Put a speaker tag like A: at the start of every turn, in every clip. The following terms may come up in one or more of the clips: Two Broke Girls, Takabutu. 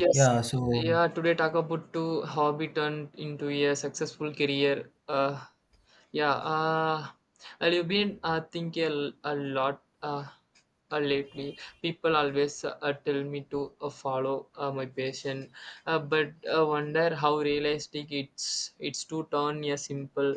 A: Yes,
B: Yeah, so
A: yeah. Today Takabutu hobby turned into a successful career. Yeah. Uh, well, you've been thinking a lot lately. People always tell me to follow my passion, but I wonder how realistic it's to turn a simple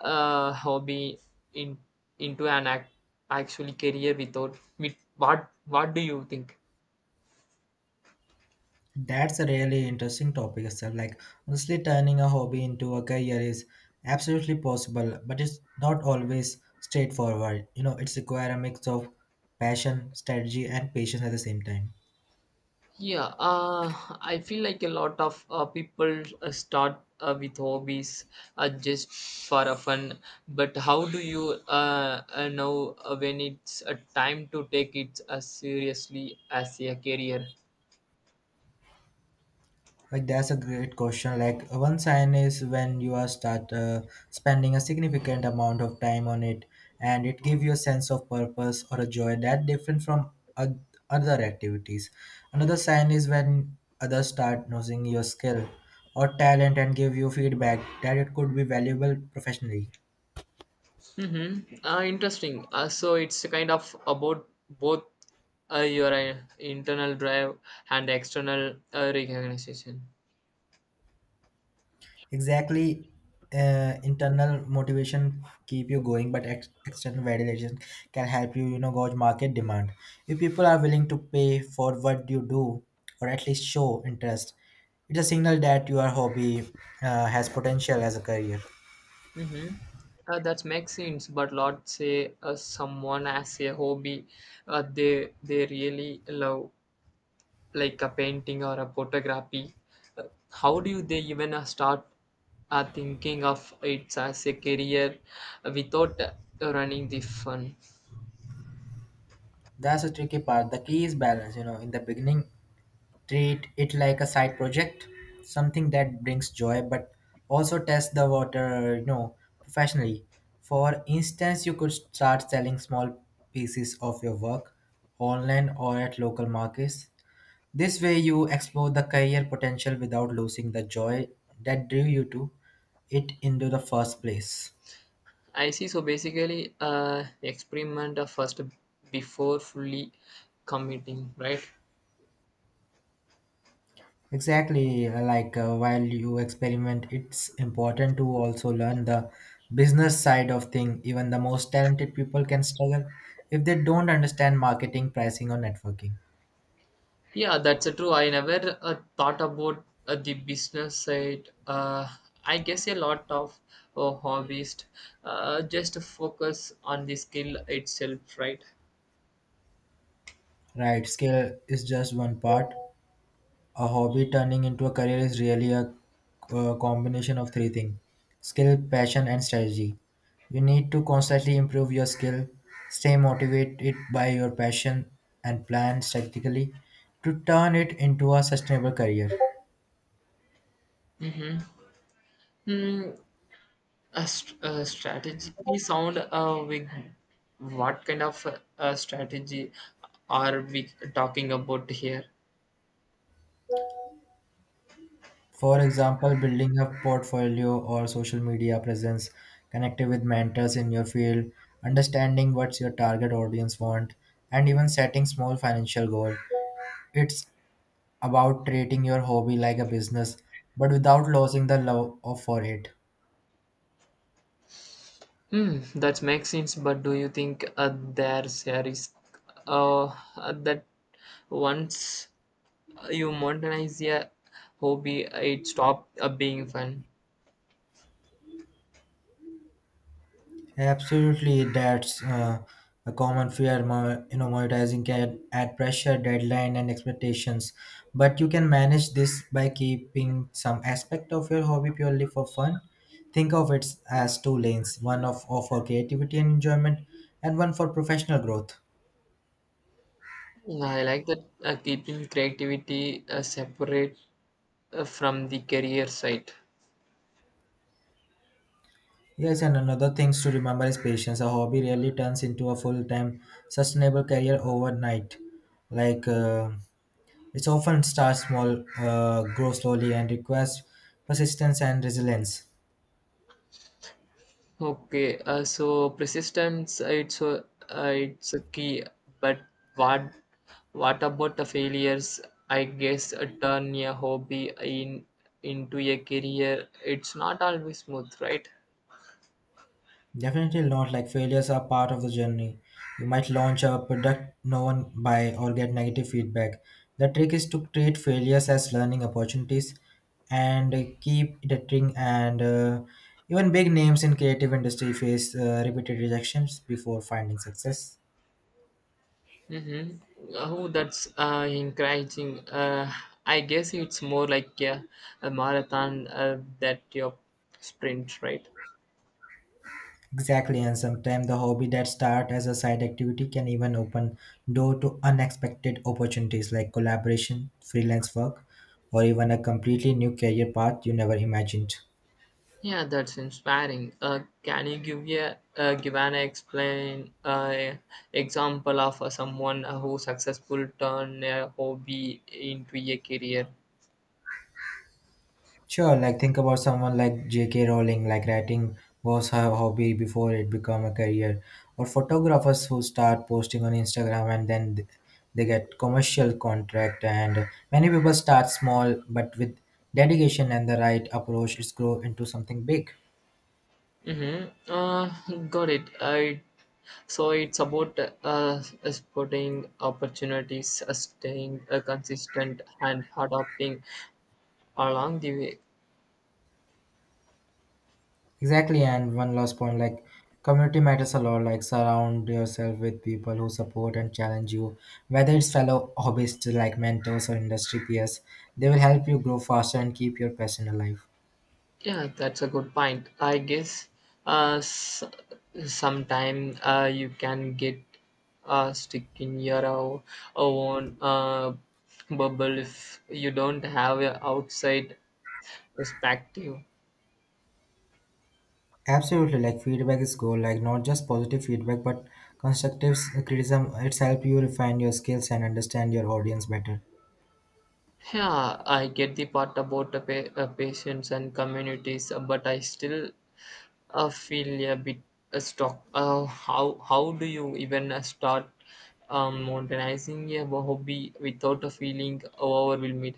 A: hobby in into an actually career without with what do you think?
B: that's a really interesting topic itself. Like, honestly, turning a hobby into a career is absolutely possible, but it's not always straightforward. It's require a mix of passion, strategy, and patience at the same time.
A: Yeah, I feel like a lot of people start with hobbies just for a fun. But how do you know when it's a time to take it as seriously as a career?
B: Like that's a great question. Like one sign is when you are start spending a significant amount of time on it, and it gives you a sense of purpose or a joy that different from oth- other activities. Another sign is when others start noticing your skill or talent and give you feedback that it could be valuable professionally.
A: Mm-hmm. Interesting. So it's kind of about both your internal drive and external recognition.
B: Exactly, internal motivation keep you going, but external validation can help you you know gauge market demand if people are willing to pay for what you do, or at least show interest. It's a signal that your hobby has potential as a career.
A: Mm-hmm. That makes sense, but let's say someone has a hobby they really love, like a painting or a photography. Uh, how do they even start thinking of it as a career without running the fun?
B: That's a tricky part. The key is balance. In the beginning, treat it like a side project, something that brings joy, but also test the water professionally. For instance, you could start selling small pieces of your work online or at local markets. This way you explore the career potential without losing the joy that drew you to it into the first place.
A: I see. So basically, experiment first before fully committing, right?
B: Exactly, like while you experiment, it's important to also learn the business side of thing. Even the most talented people can struggle if they don't understand marketing, pricing, or networking.
A: Yeah, that's true. I never thought about the business side. I guess a lot of hobbyists just focus on the skill itself, right?
B: Right, skill is just one part. A hobby turning into a career is really a combination of three things: skill, passion, and strategy. You need to constantly improve your skill, stay motivated by your passion, and plan strategically to turn it into a sustainable career.
A: Hmm. A strategy sound what kind of strategy are we talking about here?
B: For example, building a portfolio or social media presence, connecting with mentors in your field, understanding what your target audience want, and even setting small financial goals. It's about treating your hobby like a business, but without losing the love for it.
A: Hmm, that makes sense. But do you think there's a risk uh, that once you modernize a hobby, it stop being fun.
B: Absolutely, that's a common fear. Monetizing can add pressure, deadline, and expectations. But you can manage this by keeping some aspect of your hobby purely for fun. Think of it as two lanes: one of for creativity and enjoyment, and one for professional growth.
A: Yeah, I like that, keeping creativity separate from the career side.
B: Yes, and another things to remember is patience. A hobby really turns into a full-time, sustainable career overnight. Like it's often starts small, grow slowly, and requires persistence and resilience.
A: Okay, so persistence it's a key, but what what about the failures? I guess turn a hobby in into a career. It's not always smooth, right?
B: Definitely not. Like failures are part of the journey. You might launch a product no one buy or get negative feedback. The trick is to treat failures as learning opportunities and keep iterating. And even big names in creative industry face repeated rejections before finding success.
A: Mm-hmm. Oh, that's encouraging. I guess it's more like a marathon that your sprint, right?
B: Exactly, and sometimes the hobby that start as a side activity can even open door to unexpected opportunities like collaboration, freelance work, or even a completely new career path you never imagined.
A: Yeah, that's inspiring. Can you give a give an explain example of someone who successful turned a hobby into a career?
B: Sure, like think about someone like J.K. Rowling, like writing was her hobby before it became a career, or photographers who start posting on Instagram and then they get commercial contract. And many people start small, but with dedication and the right approach, it's grow into something big.
A: Mm-hmm. Got it. I So it's about spotting opportunities, staying consistent, and adapting along the way.
B: Exactly, and one last point, like community matters a lot. Like surround yourself with people who support and challenge you, whether it's fellow hobbyists like mentors or industry peers. They will help you grow faster and keep your passion alive.
A: Yeah, that's a good point. I guess uh, s- sometime you can get stuck in your own bubble if you don't have an outside perspective.
B: Absolutely, like feedback is gold. Like not just positive feedback, but constructive criticism. It's help you refine your skills and understand your audience better.
A: Yeah, I get the part about the patients and communities, but I still I feel a bit stuck. How do you even start modernizing a hobby without a feeling overwhelmed?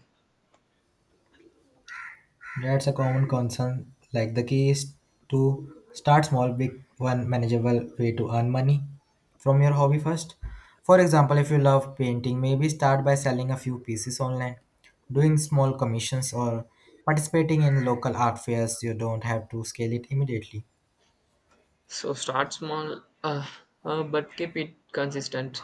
B: That's a common concern. Like the key is to start small, big one manageable way to earn money from your hobby first. For example, if you love painting, maybe start by selling a few pieces online, doing small commissions or participating in local art fairs. You don't have to scale it immediately.
A: So start small, but keep it consistent.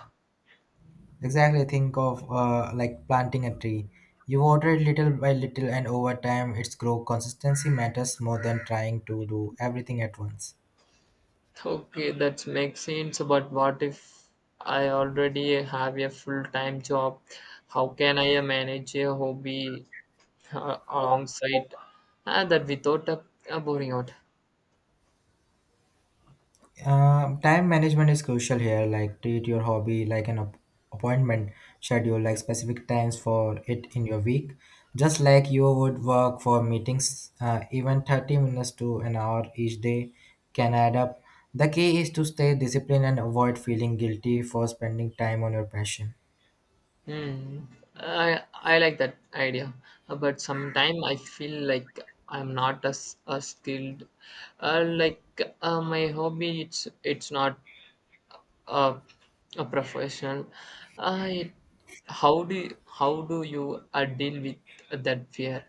B: Exactly, think of like planting a tree. You water it little by little and over time its grow consistency matters more than trying to do everything at once.
A: Okay, that makes sense. But what if I already have a full time job? How can I manage a hobby alongside that without burning out?
B: Time management is crucial here. Like treat your hobby like an appointment schedule, like specific times for it in your week. Just like you would work for meetings, even 30 minutes to an hour each day can add up. The key is to stay disciplined and avoid feeling guilty for spending time on your passion.
A: Hmm. I I like that idea. But sometimes I feel like I'm not as, as skilled. Like my hobby, it's not a a profession. I how do you deal with that fear?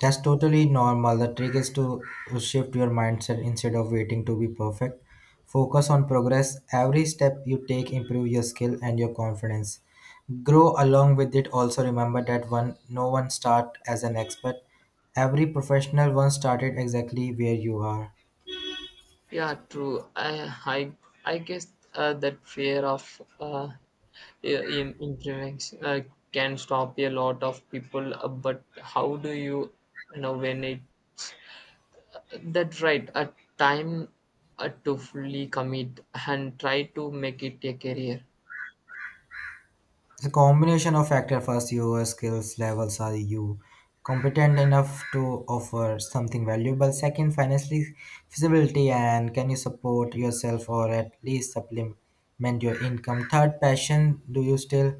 B: That's totally normal. The trick is to shift your mindset instead of waiting to be perfect. Focus on progress. Every step you take improve your skill and your confidence. Grow along with it. Also remember that one no one start as an expert. Every professional once started exactly where you are.
A: Yeah, true. I guess that fear of uh, im improvements can stop a lot of people. But you know when it's that right a time to fully commit and try to make it a career?
B: A combination of factors, first your skills levels, are you competent enough to offer something valuable? Second, financially feasibility, and can you support yourself or at least supplement your income? Third, passion, do you still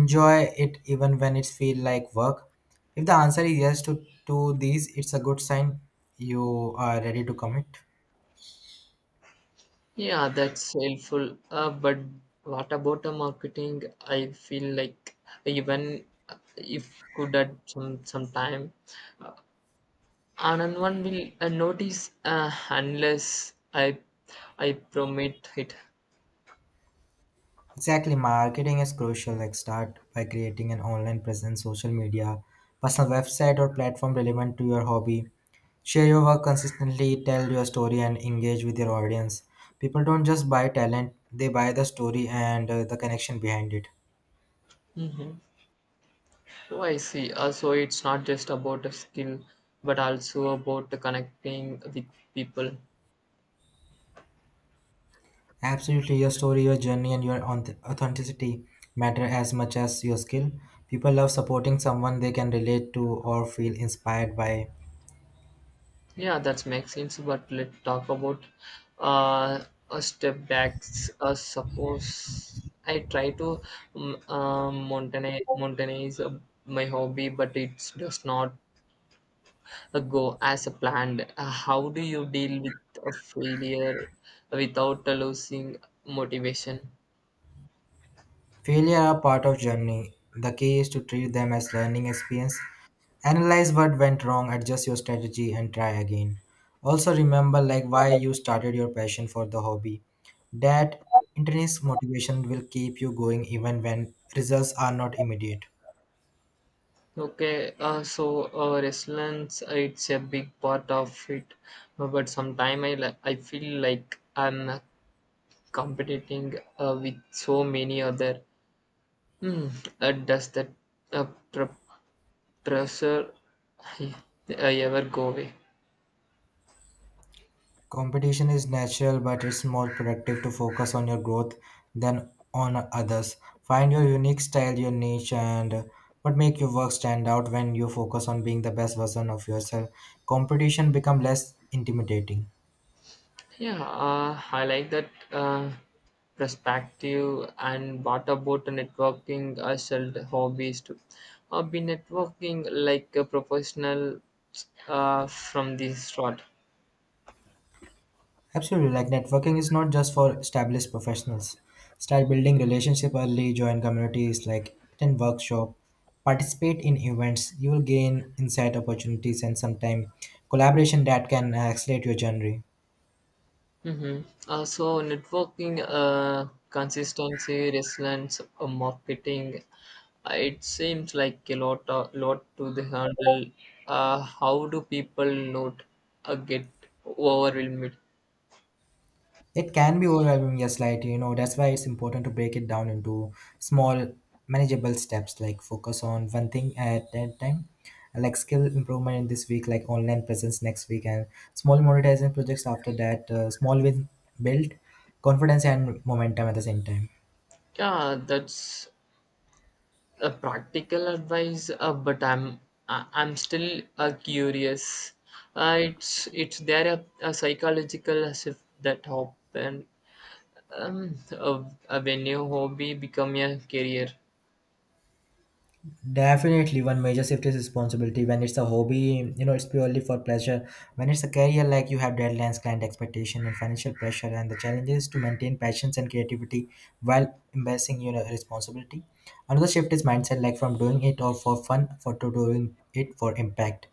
B: enjoy it even when it feel like work? If the answer is yes to these, it's a good sign you are ready to commit.
A: Yeah, that's helpful. But what about the marketing? I feel like even if could at some time and one will notice unless I permit it.
B: Exactly, marketing is crucial. Like start by creating an online presence, social media, personal website or platform relevant to your hobby. Share your work consistently, tell your story and engage with your audience. People don't just buy talent, they buy the story and the connection behind it.
A: Mhm. So I see. So it's not just about a skill, but also about the connecting with people.
B: Absolutely, your story, your journey, and your authenticity matter as much as your skill. People love supporting someone they can relate to or feel inspired by.
A: Yeah, that makes sense. But let's talk about uh, a step back. Suppose I try to um, uh, mountain mountainize my hobby, but it does not go as planned? How do you deal with a failure without losing motivation?
B: Failure are part of journey. The key is to treat them as learning experience. Analyze what went wrong, adjust your strategy, and try again. Also, remember like why you started, your passion for the hobby. That intrinsic motivation will keep you going even when results are not immediate.
A: Okay, so resilience, it's a big part of it. But sometimes I feel like I'm competing with so many other. Hmm, does that uh, pr- pressure uh, ever go away?
B: Competition is natural, but it's more productive to focus on your growth than on others. Find your unique style, your niche, and what make your work stand out. When you focus on being the best version of yourself, competition become less intimidating.
A: Yeah, I like that perspective. And what about networking as a hobbies too? I've been networking like a professional from the start.
B: Absolutely, like networking is not just for established professionals. Start building relationship early, join communities, like attend workshop, participate in events. You will gain insight opportunities and sometime collaboration that can accelerate your journey.
A: Mm-hmm. So networking, consistency, resilience, marketing. It seems like a lot, lot to the handle. How do people not get overwhelmed?
B: It can be overwhelming, yes, like that's why it's important to break it down into small, manageable steps, like focus on one thing at a time, like skill improvement in this week, like online presence next week, and small monetizing projects after that, small win build confidence and momentum at the same time.
A: Yeah, that's a practical advice, but I'm still curious, it's there a psychological as if that happen um uh, when your hobby become a career?
B: Definitely, one major shift is responsibility. When it's a hobby, it's purely for pleasure. When it's a career, like you have deadlines, client expectation, and financial pressure, and the challenge is to maintain passions and creativity while embracing your responsibility. Another shift is mindset, like from doing it all for fun, for to doing it for impact.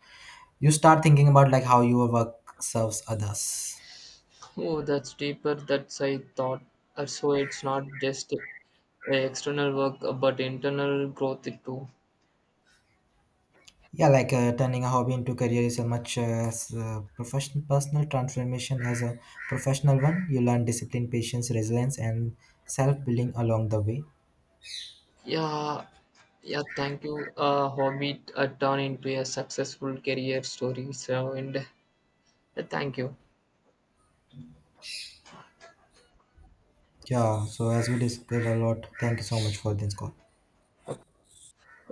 B: You start thinking about like how your work serves others.
A: Oh, that's deeper that's I thought. So it's not just external work but internal growth too.
B: Yeah, like turning a hobby into career is a much as professional personal transformation as a professional one. You learn discipline, patience, resilience, and self building along the way.
A: Yeah, yeah, thank you. Hobby turn into a successful career story so and thank you.
B: Yeah, so as we discussed a lot, thank you so much for this call.